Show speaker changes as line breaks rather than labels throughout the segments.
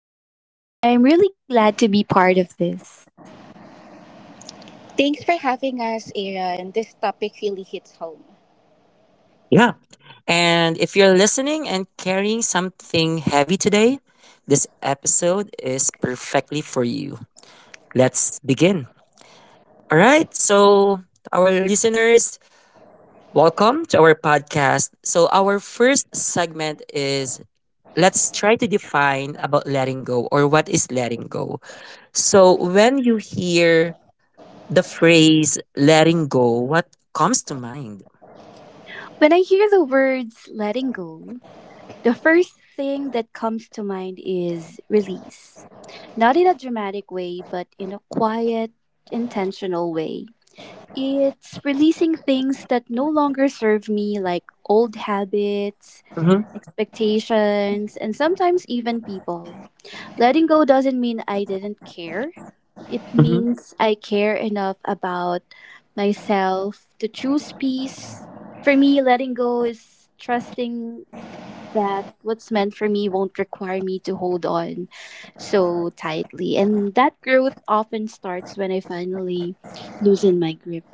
Thank you, Aaron. I'm really glad to be part of this.
Thanks for having us, Ira, this topic really hits home.
Yeah. And if you're listening and carrying something heavy today, this episode is perfectly for you. Let's begin. All right. So, to our listeners, welcome to our podcast. So, our first segment is let's try to define about letting go or what is letting go. So, when you hear the phrase letting go, what comes to mind?
When I hear the words letting go, the first thing that comes to mind is release. Not in a dramatic way, but in a quiet, intentional way. It's releasing things that no longer serve me, like old habits,
Hmm.
expectations, and sometimes even people. Letting go doesn't mean I didn't care. It
Hmm.
means I care enough about myself to choose peace. For me, letting go is trusting that what's meant for me won't require me to hold on so tightly. And that growth often starts when I finally loosen my grip.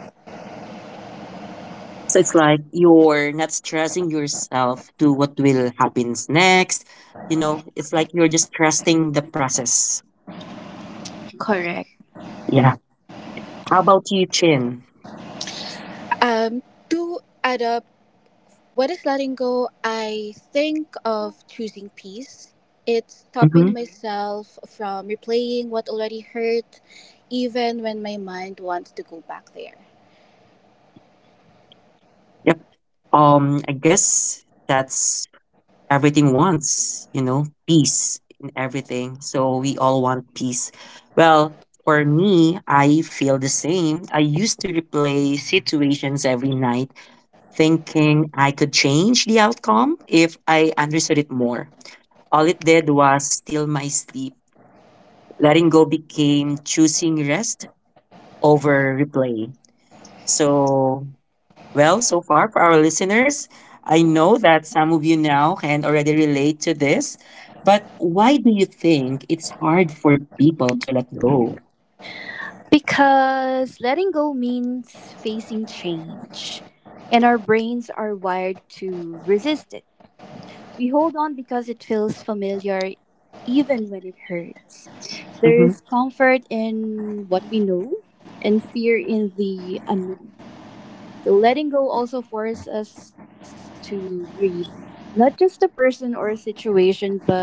So, it's like you're not stressing yourself to what will happen next. You know, it's like you're just trusting the process.
Correct.
Yeah. How about you, Chin?
Um, to add up, what is letting go? I think of choosing peace. It's stopping
Mm-hmm.
Myself from replaying what already hurt, even when my mind wants to go back there.
I guess that's everything wants, peace in everything. So we all want peace. Well, for me, I feel the same. I used to replay situations every night, thinking I could change the outcome if I understood it more. All it did was steal my sleep. Letting go became choosing rest over replay. So Well, so far for our listeners, I know that some of you now can already relate to this, but why do you think it's hard for people to let go?
Because letting go means facing change. And our brains are wired to resist it. We hold on because it feels familiar, even when it hurts. There
Mm-hmm.
is comfort in what we know and fear in the unknown. So letting go also forces us to grieve, not just the person or situation, but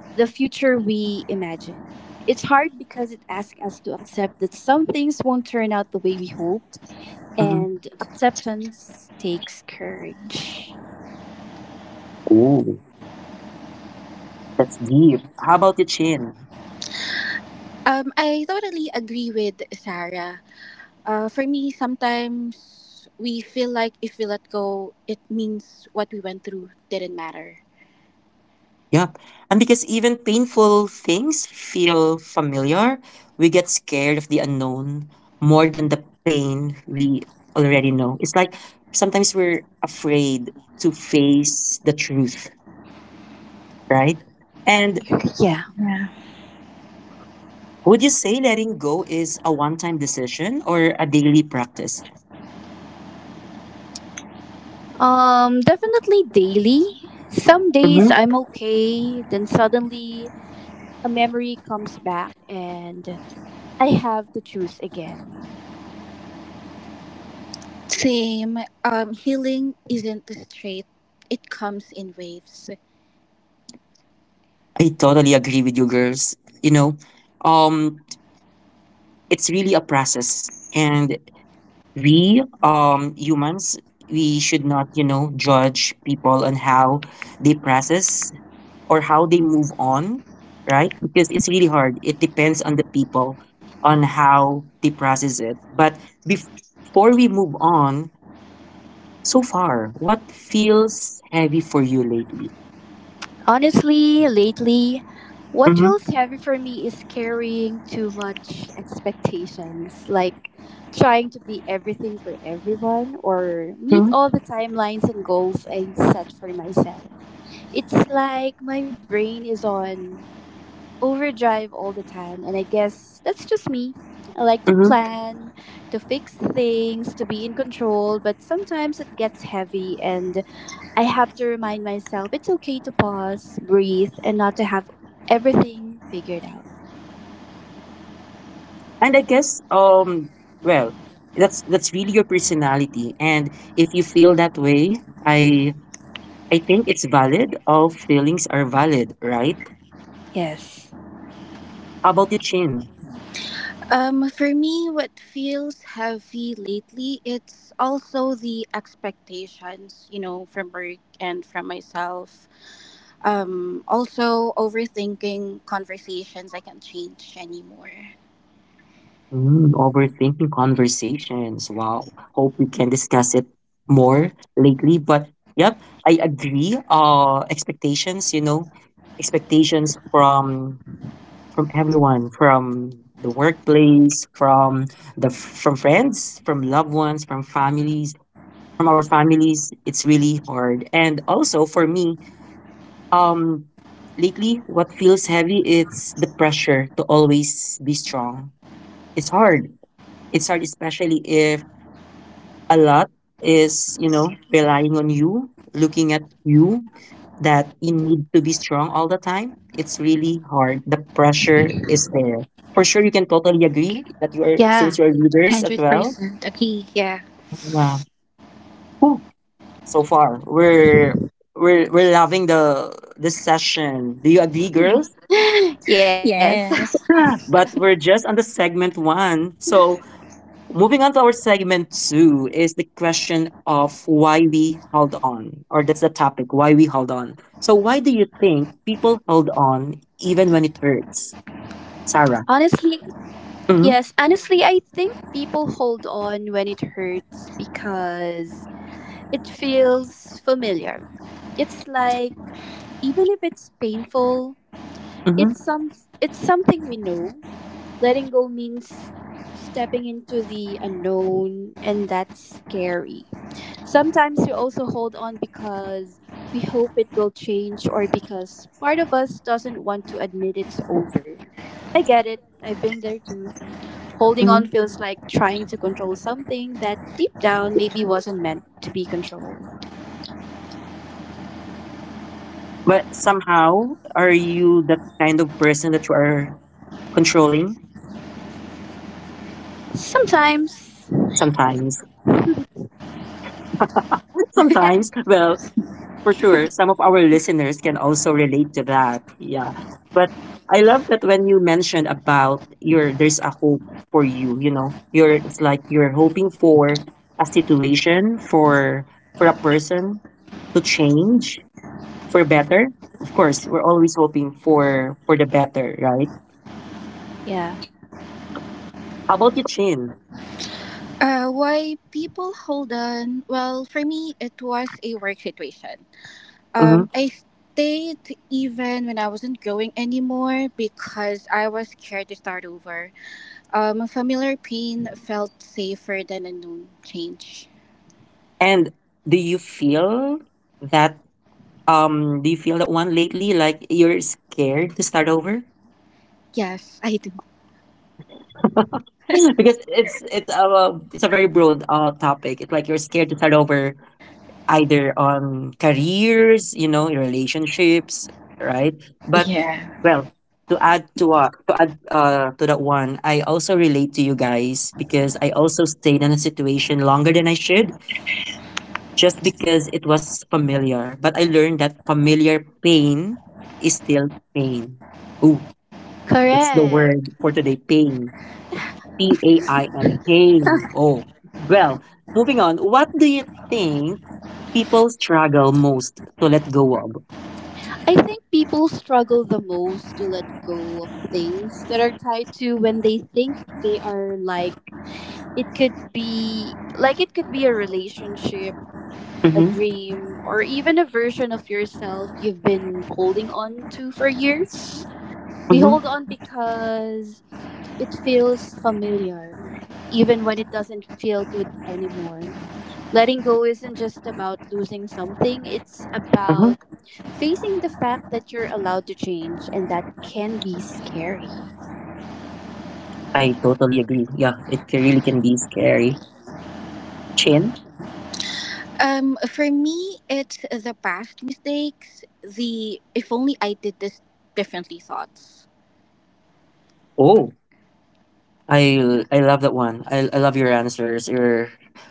the future we imagine. It's hard because it asks us to accept that some things won't turn out the way we hoped,
Mm-hmm.
and acceptance takes courage.
Oh, that's deep. How about the Chin?
I totally agree with Sarah. For me, sometimes we feel like if we let go, it means what we went through didn't matter.
Yep. And because even painful things feel familiar, we get scared of the unknown more than the pain we already know. It's like sometimes we're afraid to face the truth, right? And
Yeah.
would you say letting go is a one time decision or a daily practice?
Definitely daily. Some days
Hmm.
I'm okay, then suddenly a memory comes back and I have to choose again.
Same. Healing isn't straight. It comes in waves.
I totally agree with you girls. You know, um, it's really a process. And we humans, we should not judge people on how they process or how they move on, right? Because it's really hard. It depends on the people on how they process it. But bef- before we move on, so far, what feels heavy for you lately?
Honestly, lately, what
Mm-hmm.
feels heavy for me is carrying too much expectations, like trying to be everything for everyone or meet
Mm-hmm.
all the timelines and goals I set for myself. It's like my brain is on overdrive all the time. And I guess that's just me. I like to
Mm-hmm.
plan, to fix things, to be in control, but sometimes it gets heavy and I have to remind myself it's okay to pause, breathe, and not to have everything figured out.
And I guess, well, that's really your personality. And if you feel that way, I think it's valid. All feelings are valid, right?
Yes.
How about you, Chin?
For me, what feels heavy lately, it's also the expectations, from work and from myself. Also overthinking conversations I can't change anymore.
Mm, overthinking conversations. Wow. Hope we can discuss it more lately. But yep, I agree. Expectations. Expectations from everyone, from the workplace, from friends, from loved ones, from families, from our families. It's really hard. And also for me, Um, lately, what feels heavy is the pressure to always be strong. It's hard. It's hard, especially if a lot is relying on you, looking at you, that you need to be strong all the time. It's really hard. The pressure is there. For sure, you can totally agree that you are, since
Yeah.
you're leaders as
Hundred
well.
percent agree. Yeah.
Yeah. Whew. So far, we're loving the session. Do you agree, girls?
yes.
Yes.
But we're just on the segment one. So moving on to our segment two is the question of why we held on, or that's the topic, why we held on. So why do you think people hold on even when it hurts, Sarah?
Honestly,
Mm-hmm.
yes. Honestly, I think people hold on when it hurts because it feels familiar. It's like even if it's painful,
Mm-hmm.
it's some it's something we know. Letting go means stepping into the unknown and that's scary. Sometimes we also hold on because we hope it will change, or because part of us doesn't want to admit it's over. I get it. I've been there too. Holding
Mm-hmm.
on feels like trying to control something that deep down maybe wasn't meant to be controlled.
But somehow, are you that kind of person that you are controlling?
Sometimes.
Sometimes, sometimes. Well, for sure, some of our listeners can also relate to that. Yeah. But I love that when you mentioned about your there's a hope for you, you know. You're it's like you're hoping for a situation, for a person to change for better. Of course, we're always hoping for the better, right?
Yeah.
How about you, Chin?
Why people hold on? Well, for me, it was a work situation.
Mm-hmm.
I stayed even when I wasn't growing anymore because I was scared to start over. A familiar pain felt safer than a known change.
And do you feel that do you feel that one lately, like you're scared to start over?
Yes, I do.
Because it's a very broad topic. It's like you're scared to start over either on careers, your relationships, right? But,
Yeah.
well, to add to that one, I also relate to you guys because I also stayed in a situation longer than I should, just because it was familiar. But I learned that familiar pain is still pain. Ooh, that's the
Correct.
word for today, pain, PAIMK. Oh, well, moving on. What do you think people struggle most to let go of?
I think people struggle the most to let go of things that are tied to when they think they are, like it could be a relationship, a
Mm-hmm.
dream, or even a version of yourself you've been holding on to for years. We
Mm-hmm.
hold on because it feels familiar, even when it doesn't feel good anymore. Letting go isn't just about losing something, it's
Uh-huh.
about facing the fact that you're allowed to change, and that can be scary.
I totally agree. Yeah, it really can be scary. Chin.
For me, it's the past mistakes, the if only I did this differently thoughts.
Oh, I love that one. I love your answers. Your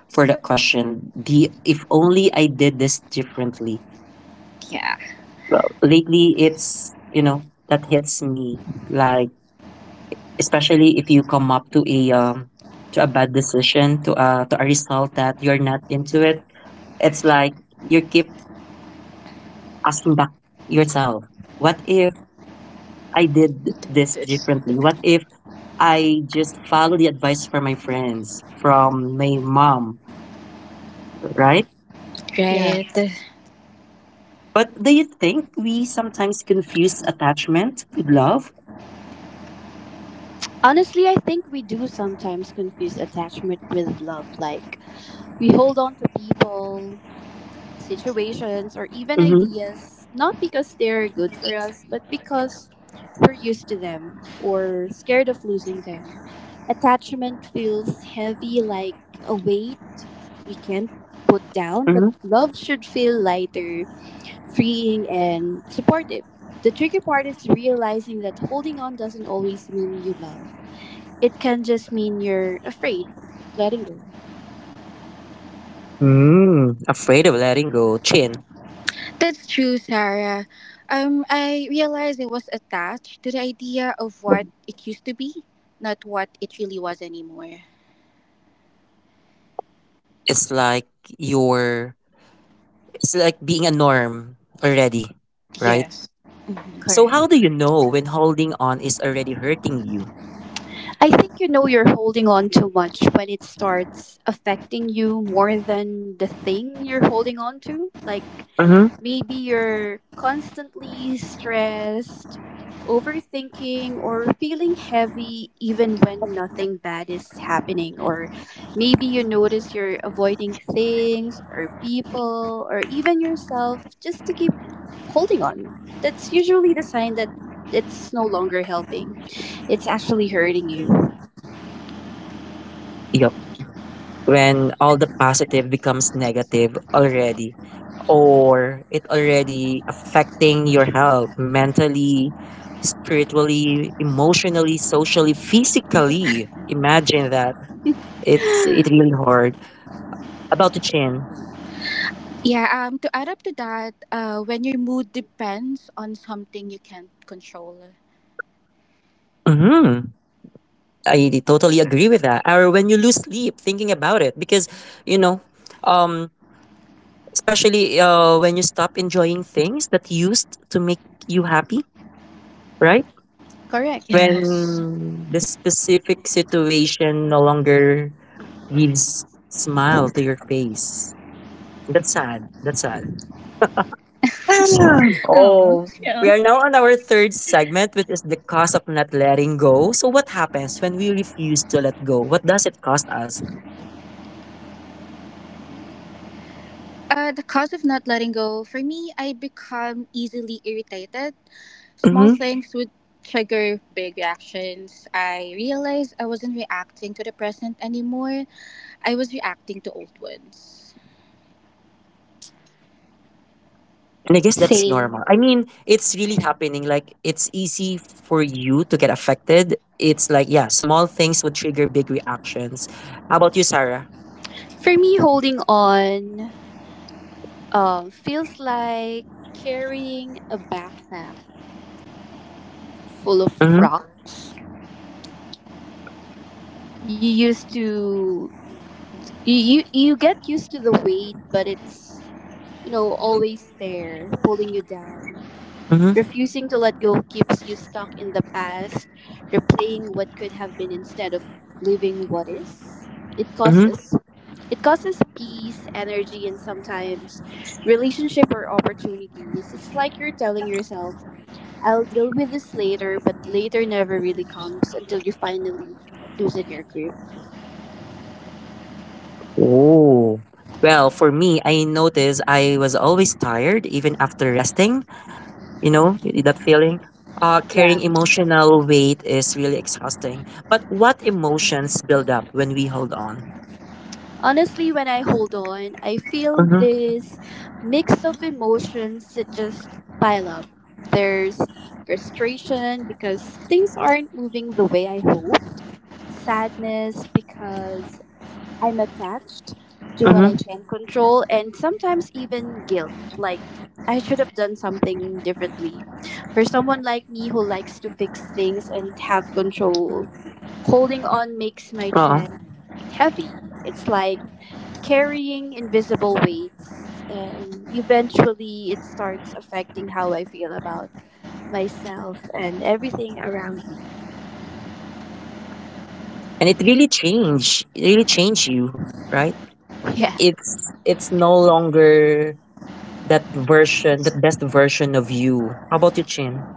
for that question. The if only I did this differently.
Yeah.
Well, lately it's that hits me, like. Especially if you come up to a bad decision, to a result that you're not into it. It's like you keep asking back yourself, what if I did this
This,
differently? What
this,
if I just follow the advice from my friends, from my mom, right?
Yeah.
differently. Right.
But do you think we sometimes confuse attachment with love?
Honestly, I think we do sometimes confuse attachment with love. Like, we hold on to people, situations, or even
Mm-hmm.
ideas, not because they're good for us, but because we're used to them or scared of losing them. Attachment feels heavy, like a weight we can't put down, but
Mm-hmm.
love should feel lighter, freeing, and supportive. The tricky part is realizing that holding on doesn't always mean you love. It can just mean you're afraid of letting go.
Mm, afraid of letting go, Chin.
That's true, Sarah. I realized I was attached to the idea of what it used to be, not what it really was anymore.
it's like you're It's like being a norm already, right?
Yes. Mhm.
So how
Correct.
do you know when holding on is already hurting you?
I think you know you're holding on too much when it starts affecting you more than the thing you're holding on to. Like,
Mm-hmm.
maybe you're constantly stressed, overthinking, or feeling heavy even when nothing bad is happening. Or maybe you notice you're avoiding things or people or even yourself just to keep holding on. That's usually the sign that it's no longer helping, it's actually hurting you.
Yep. When all the positive becomes negative already, or it already affecting your health, mentally, spiritually, emotionally, socially, physically. Imagine that. It's it really hard. About the Chin.
Yeah, to add up to that, when your mood depends on something you can't control.
Mm-hmm. I totally agree with that. Or when you lose sleep thinking about it, because you know, um, especially when you stop enjoying things that used to make you happy, right?
Correct.
Yes.
When the specific situation no longer gives smile to your face. That's sad. That's sad.
Oh,
Oh,
yeah.
we are now on our third segment, which is the cost of not letting go. So, what happens when we refuse to let go? What does it cost us?
The cause of not letting go, for me, I become easily irritated. Small things would trigger big reactions. I realized I wasn't reacting to the present anymore. I was reacting to old ones.
And I guess that's normal.
Same.
I mean, it's really
Yeah.
happening. Like, it's easy for you to get affected. It's like, yeah, small things would trigger big reactions. How about you, Sarah?
For me, holding on feels like carrying a backpack full of
Mm-hmm.
rocks. You used to you you get used to the weight, but it's, you know, always there, pulling you down.
Mm-hmm.
Refusing to let go keeps you stuck in the past, replaying what could have been instead of living what is. It
Mm-hmm.
causes peace, energy, and sometimes relationship or opportunities. It's like you're telling yourself, I'll deal with this later, but later never really comes until you finally loosen your grip.
Oh. Well, for me, I noticed I was always tired, even after resting. That feeling.
Yeah.
Carrying emotional weight is really exhausting. But what emotions build up when we hold on?
Honestly, when I hold on, I feel
Mm-hmm.
this mix of emotions that just pile up. There's frustration because things aren't moving the way I hope, sadness because I'm attached to what I
Mm-hmm.
can control, and sometimes even guilt, like I should have done something differently. For someone like me who likes to fix things and have control, holding on makes my
Oh.
chest heavy. It's like carrying invisible weights, and eventually it starts affecting how I feel about myself and everything around me.
And it really change. It really change you, right?
Yeah.
It's no longer that version, that best version of you. How about you, Chin?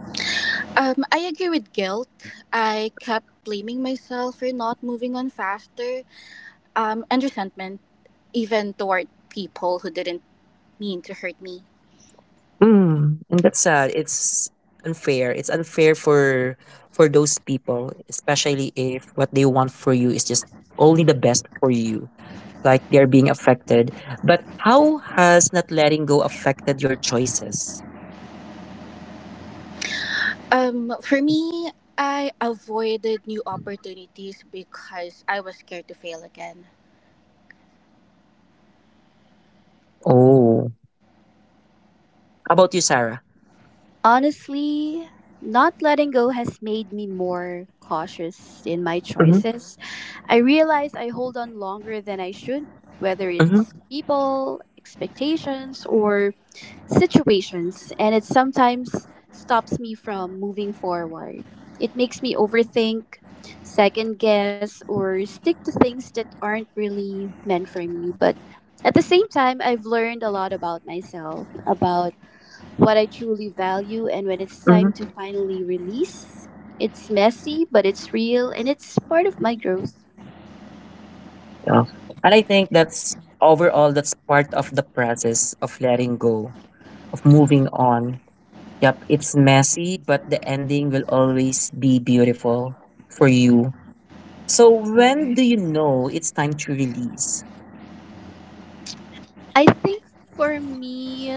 I agree with guilt. I kept blaming myself for not moving on faster, and resentment, even toward people who didn't mean to hurt me.
Mm, and that's sad. It's unfair. It's unfair for those people, especially if what they want for you is just only the best for you. Like they're being affected. But how has not letting go affected your choices?
For me, I avoided new opportunities because I was scared to fail again.
Oh. How about you, Sarah?
Honestly, not letting go has made me more cautious in my
Mm-hmm.
choices. I realize I hold on longer than I should, whether
Mm-hmm.
it's people, expectations, or situations, and it sometimes stops me from moving forward. It makes me overthink, second guess, or stick to things that aren't really meant for me. But at the same time, I've learned a lot about myself, about what I truly value, and when it's time
Mm-hmm.
to finally release. It's messy, but it's real and it's part of my growth.
Yeah. And I think that's overall, that's part of the process of letting go, of moving on. Yep, it's messy, but the ending will always be beautiful for you. So when do you know it's time to release?
I think for me,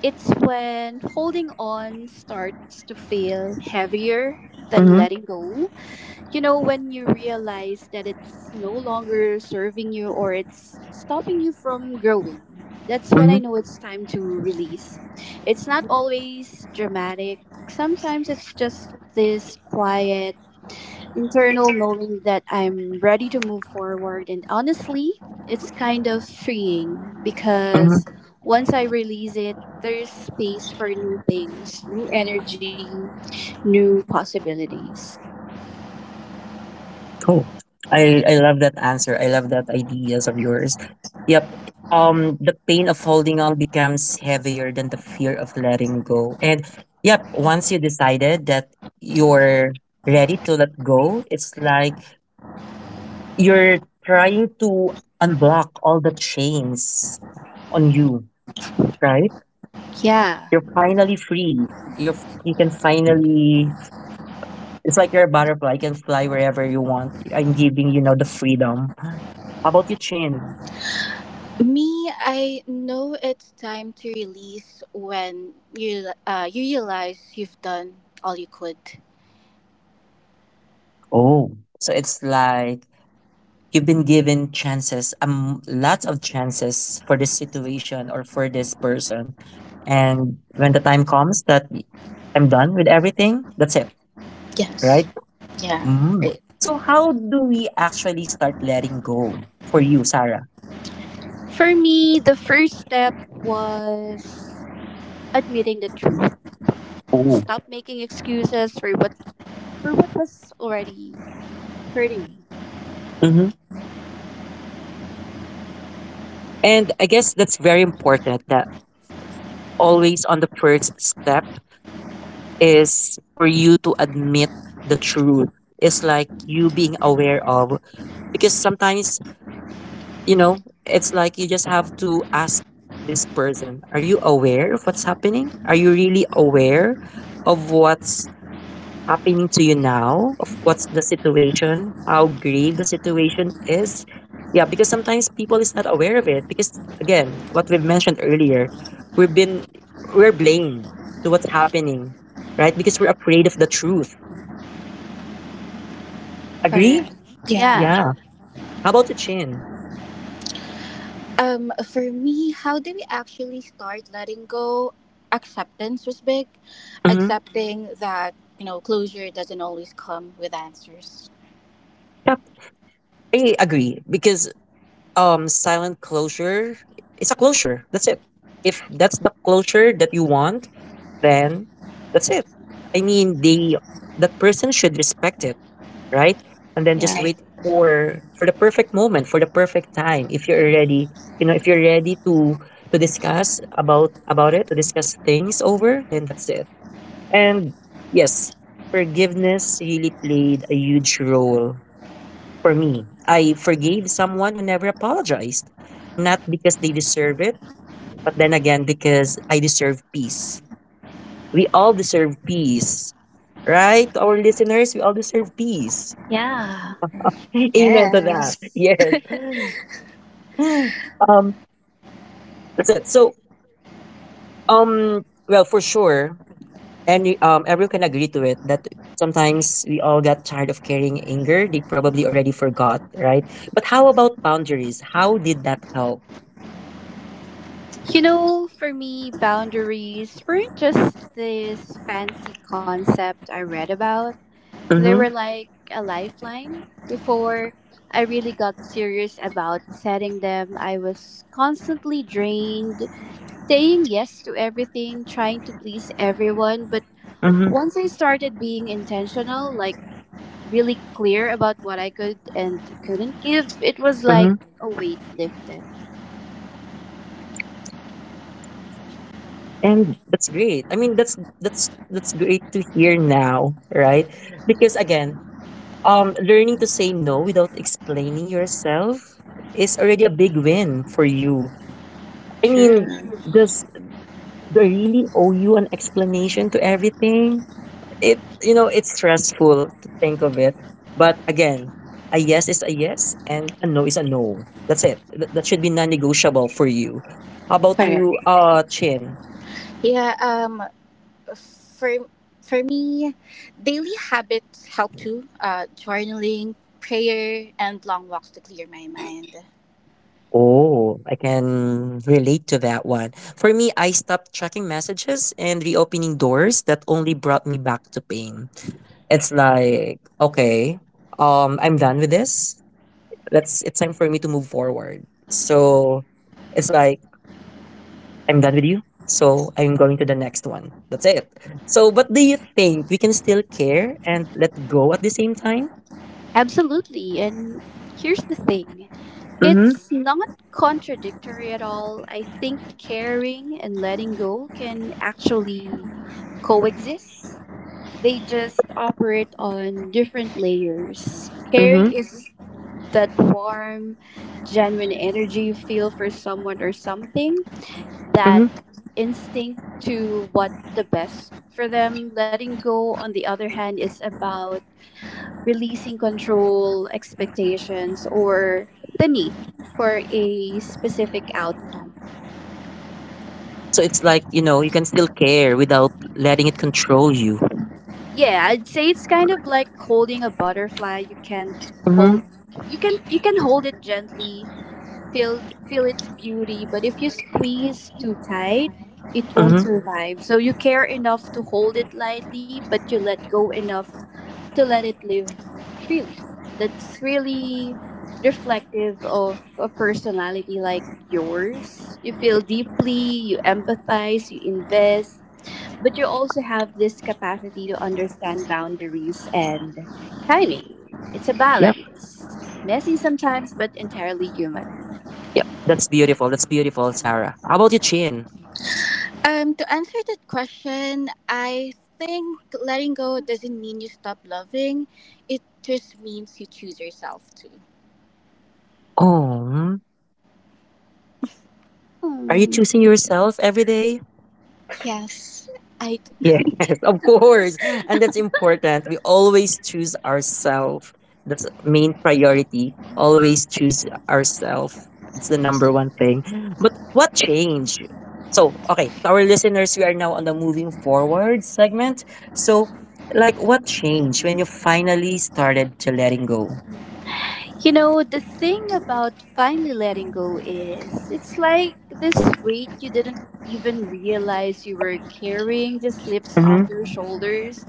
it's when holding on starts to feel heavier than
Mm-hmm.
letting go. You know, when you realize that it's no longer serving you or it's stopping you from growing. That's when I
Mm-hmm.
know it's time to release. It's not always dramatic, sometimes it's just this quiet internal knowing that I'm ready to move forward. And honestly, it's kind of freeing
Mm-hmm.
because once I release it, there's space for new things, new energy, new possibilities.
Cool. I love that answer. I love that ideas of yours. Yep. The pain of holding on becomes heavier than the fear of letting go. And yep, once you decided that you're ready to let go, it's like you're trying to unblock all the chains on you, right?
Yeah.
You're finally free. You can finally. It's like you're a butterfly. You can fly wherever you want. I'm giving you now the freedom. How about your Chin?
Me, I know it's time to release when you realize you've done all you could.
Oh, so it's like you've been given chances, lots of chances for this situation or for this person. And when the time comes that I'm done with everything, that's it,
Yes.
right?
Yeah.
Mm.
It,
So how do we actually start letting go for you, Sarah?
For me, the first step was admitting the truth.
Oh.
Stop making excuses for what was already hurting me.
Hmm. And I guess that's very important that always on the first step is for you to admit the truth. It's like you being aware of, because sometimes, it's like you just have to ask this person, are you aware of what's happening? Are you really aware of what's happening to you now, of what's the situation, how grave the situation is? Yeah, because sometimes people is not aware of it, because again, what we've mentioned earlier, we've been we're blamed to what's happening, right? Because we're afraid of the truth. Agree?
Correct.
yeah.
Yeah.
Yeah. How about you, Chin?
For me, how do we actually start letting go? Acceptance was big.
Mm-hmm.
Accepting that, you know, closure doesn't always come with answers.
Yep. I agree because, silent closure, it's a closure, that's it. If that's the closure that you want, then that's it. I mean, they that person should respect it, right? And then just
Yeah.
wait
Right.
for the perfect moment, for the perfect time. If you're ready, you know, if you're ready to discuss about it, to discuss things over, then that's it. And yes, forgiveness really played a huge role for me. I forgave someone who never apologized, not because they deserve it, but then again because I deserve peace. We all deserve peace, right? To our listeners, we all deserve peace.
Yeah.
Amen to that.
Yes.
Yes. Um, that's it. For sure, and everyone can agree to it that sometimes we all got tired of carrying anger. They probably already forgot, right? But how about boundaries? How did that help?
You know, for me, boundaries weren't just this fancy concept I read about. They
Mm-hmm.
were like a lifeline. Before I really got serious about setting them, I was constantly drained, saying yes to everything, trying to please everyone. But
Mm-hmm.
once I started being intentional, like really clear about what I could and couldn't give, it was like
Mm-hmm.
a weight lifted.
And that's great. I mean, that's great to hear now, right? Because again, learning to say no without explaining yourself is already a big win for you. I mean,
True.
does they really owe you an explanation to everything? It's stressful to think of it. But again, a yes is a yes and a no is a no. That's it. That should be non-negotiable for you. How about
Correct.
you, Chin?
Yeah, um for for me, daily habits help too. Journaling, prayer and long walks to clear my mind.
Oh, I can relate to that one. For me, I stopped checking messages and reopening doors that only brought me back to pain. It's like, okay, I'm done with this. Let's It's time for me to move forward. So it's like I'm done with you. So I'm going to the next one. That's it. So but do you think we can still care and let go at the same time?
Absolutely. And here's the thing,
Mm-hmm.
it's not contradictory at all. I think caring and letting go can actually coexist, they just operate on different layers. Caring
Mm-hmm.
is that warm, genuine energy you feel for someone or something, that
Mm-hmm.
instinct to what the best for them. Letting go, on the other hand, is about releasing control, expectations, or the need for a specific outcome.
So it's like, you know, you can still care without letting it control you.
Yeah, I'd say it's kind of like holding a butterfly. You can't hold
Mm-hmm.
you can hold it gently, feel its beauty, but if you squeeze too tight, it won't
Mhm.
survive. So you care enough to hold it lightly, but you let go enough to let it live freely. That's really reflective of a personality like yours. You feel deeply, you empathize, you invest, but you also have this capacity to understand boundaries and timing. It's a
Yep.
balance. Messy sometimes, but entirely human.
Yep. That's beautiful. That's beautiful, Sarah. How about you, Chin?
To answer that question, I think letting go doesn't mean you stop loving. It just means you choose yourself to.
Oh, are you
Hmm.
choosing yourself every day?
Yes, I.
Yes, of course. And that's important. We always choose ourselves. That's main priority. Always choose ourselves. It's the number one thing. But what change? So, okay, to our listeners, we are now on the moving forward segment. So, like, what changed when you finally started to letting go?
You know, the thing about finally letting go is it's like this weight you didn't even realize you were carrying just lifts
Mm-hmm,
off your shoulders.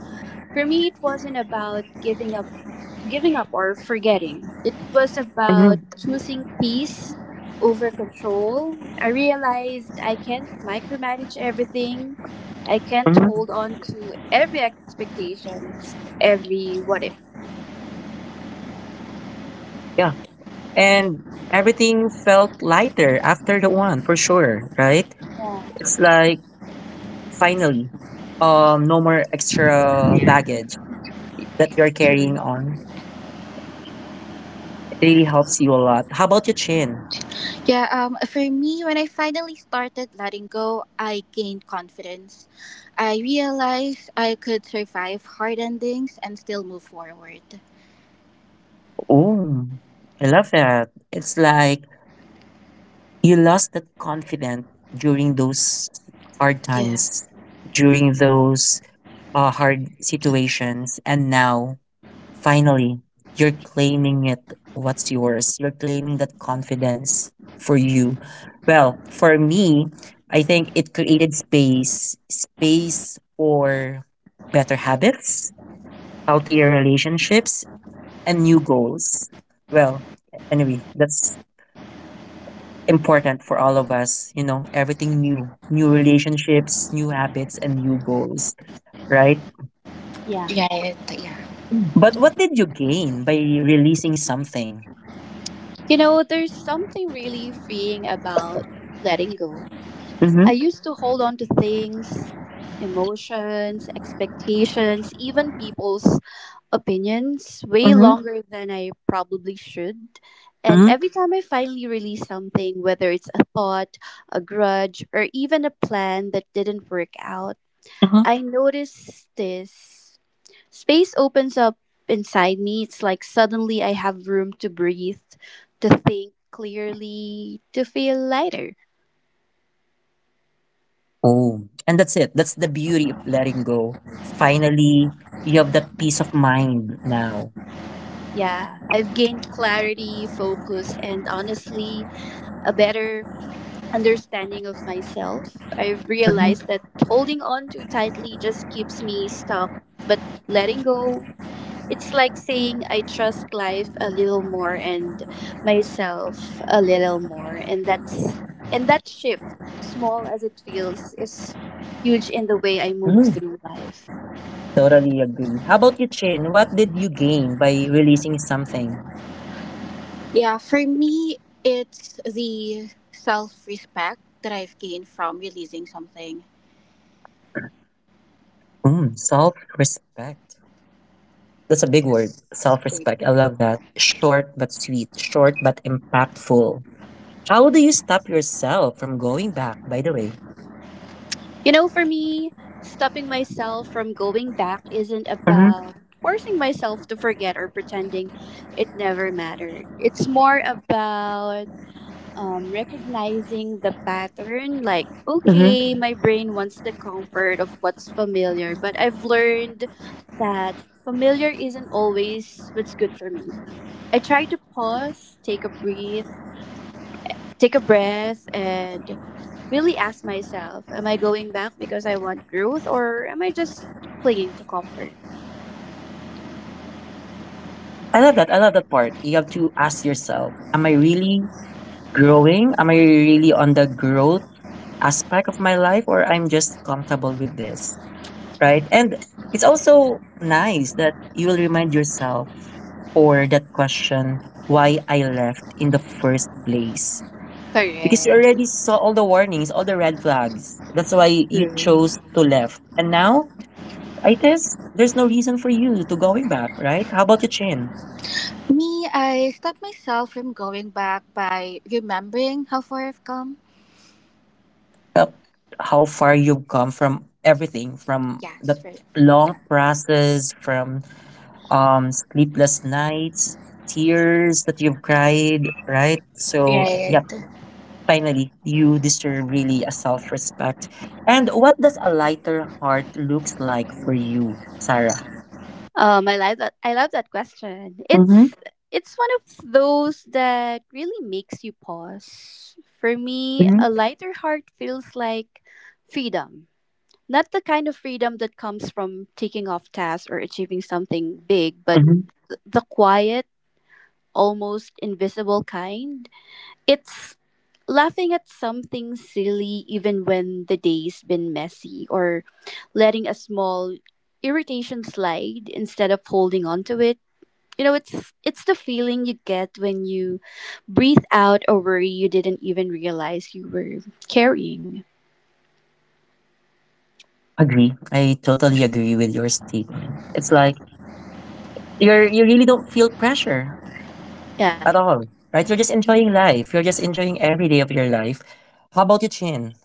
For me, it wasn't about giving up or forgetting. It was about
mm-hmm,
choosing peace over control. I realized I can't micromanage everything. I can't
mm-hmm.
hold on to every expectation, every what if.
And everything felt lighter after the one for sure, right?
Yeah.
It's like, finally, no more extra baggage that you're carrying
True.
on. It really helps you a lot. How about your Chin?
Yeah. For me, when I finally started letting go, I gained confidence. I realized I could survive hard endings and still move forward.
Oh, I love that. It's like you lost that confidence during those hard
Yeah.
times, during those hard situations, and now, finally, you're claiming it what's yours. You're claiming that confidence for you. Well, for me, I think it created space, space for better habits, healthier relationships, and new goals. Well, anyway, that's important for all of us, you know, everything new, new relationships, new habits, and new goals, right?
Yeah.
Right. Yeah.
But what did you gain by releasing something?
You know, there's something really freeing about letting go.
Mm-hmm,
I used to hold on to things, emotions, expectations, even people's opinions way
mm-hmm.
longer than I probably should. And every time I finally release something, whether it's a thought, a grudge, or even a plan that didn't work out,
Mhm.
I notice this. Space opens up inside me. It's like suddenly I have room to breathe, to think clearly, to feel lighter.
Oh, and that's it. That's the beauty of letting go. Finally, you have that peace of mind now.
Yeah, I've gained clarity, focus, and honestly, a better understanding of myself. I've
Hmm.
realized that holding on too tightly just keeps me stuck, but letting go, it's like saying I trust life a little more and myself a little more, and that shift, small as it feels, is huge in the way I move
Mm,
through life.
totally agree. How about you, Chin? What did you gain by releasing something?
Yeah. For me, it's the self-respect that I've gained from releasing something.
Mm, self-respect. That's a big word.
Yes. Favorite.
Self-respect. I love that. Short but sweet. Short but impactful. How do you stop yourself from going back, by the way?
You know, for me, stopping myself from going back isn't
Mm-hmm.
about forcing myself to forget or pretending it never mattered. It's more about, recognizing the pattern, like,
Mm-hmm.
okay, my brain wants the comfort of what's familiar, but I've learned that familiar isn't always what's good for me. I try to pause, take a breath, and really ask myself, am I going back because I want growth, or am I just clinging to comfort?
I love that. I love that part. You have to ask yourself, am I really growing? Am I really on the growth aspect of my life or I'm just comfortable with this? Right? And it's also nice that you will remind yourself or that question why I left in the first place. Because you
Correct.
already saw all the warnings, all the red flags. That's why you chose to left. And now, it is there's no reason for you to going back, right? How about you, Chin?
Me, I stopped myself from going back by remembering how far I've come.
Felt how far you've come from everything, from
Yes,
the
for me,
long
yeah.
process, from sleepless nights, tears that you've cried, right? So
Right.
yeah, finally you deserve really a self-respect. And what does a lighter heart looks like for you, Sarah?
I like that. I love that question.
Mm-hmm,
It's one of those that really makes you pause. For me,
mm-hmm,
a lighter heart feels like freedom. Not the kind of freedom that comes from taking off tasks or achieving something big, but
mm-hmm.
the quiet, almost invisible kind. It's laughing at something silly even when the day's been messy, or letting a small irritation slide instead of holding on to it. You know, it's the feeling you get when you breathe out a worry you didn't even realize you were carrying.
Agree, I totally agree with your statement. It's like you're you really don't feel pressure
Yeah.
at all, right? You're just enjoying life. You're just enjoying every day of your life. How about you, Chin?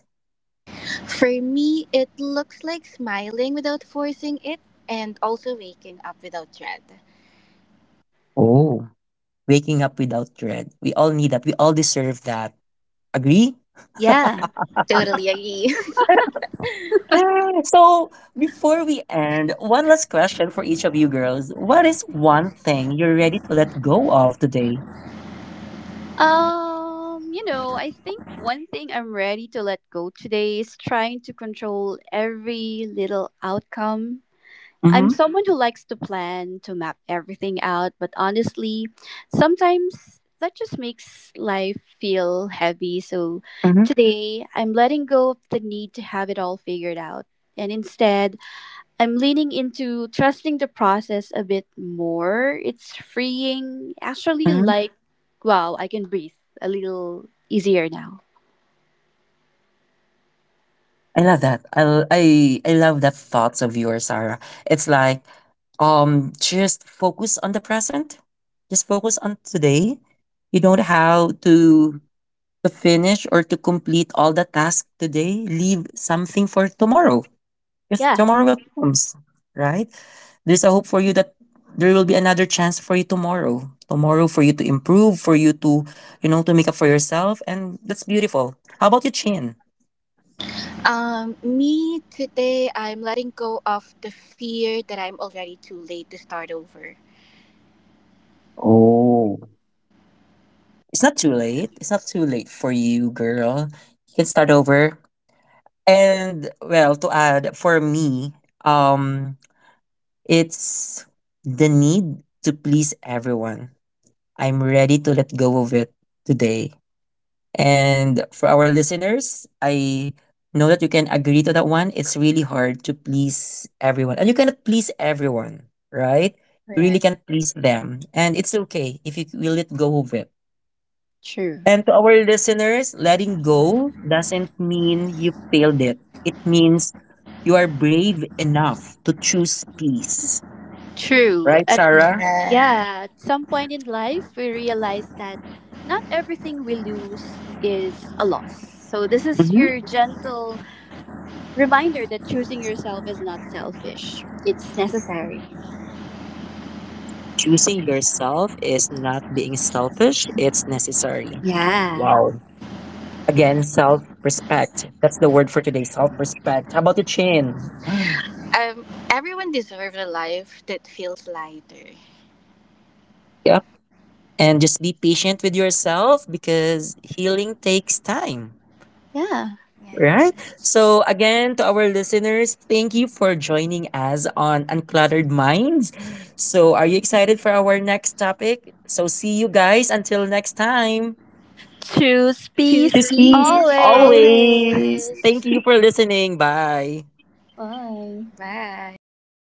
For me, it looks like smiling without forcing it and also waking up without dread.
Oh, waking up without dread. We all need that. We all deserve that. Agree?
Yeah.
Totally agree.
So, before we end, one last question for each of you girls. What is one thing you're ready to let go of today?
You know, I think one thing I'm ready to let go today is trying to control every little outcome. I'm
Mm-hmm.
someone who likes to plan, to map everything out, but honestly, sometimes that just makes life feel heavy. So
Mm-hmm.
today, I'm letting go of the need to have it all figured out. And instead, I'm leaning into trusting the process a bit more. It's freeing, actually, like, wow, I can breathe a little easier now.
I love that. I love that thoughts of yours, Sarah. It's like just focus on the present. Just focus on today. You don't have to finish or to complete all the tasks today. Leave something for tomorrow. Because
Yeah.
tomorrow will comes, right? There's a hope for you that there will be another chance for you tomorrow. Tomorrow for you to improve, for you to, you know, to make up for yourself. And that's beautiful. How about you, Chin?
Me, today, I'm letting go of the fear that I'm already too late to start over.
Oh. It's not too late. It's not too late for you, girl. You can start over. And well, to add, for me, um, it's the need to please everyone. I'm ready to let go of it today. And for our listeners, I know that you can agree to that one. It's really hard to please everyone. And you cannot please everyone, right? You really
Correct.
can't please them. And it's okay if you will let go of it.
True.
And to our listeners, letting go doesn't mean you failed it. It means you are brave enough to choose peace.
True.
Right, Sarah?
Yeah.
Yeah, at some point in life, we realize that not everything we lose is a loss. So, this is
Mm-hmm.
your gentle reminder that choosing yourself is not selfish, it's necessary.
Choosing yourself is not being selfish, it's necessary.
Yeah.
Wow. Again, self respect. That's the word for today, self respect. How about the Chin? Ah,
Um, Everyone deserves a life that feels lighter.
yep. And just be patient with yourself because healing takes time.
Yeah.
Right.
Yes.
So again, to our listeners, thank you for joining us on Uncluttered Minds. So are you excited for our next topic? So see you guys until next time.
Choose peace
Choose
Peace, peace,
peace
always.
always.
always.
Thank you for listening. Bye.
Bye.
Bye.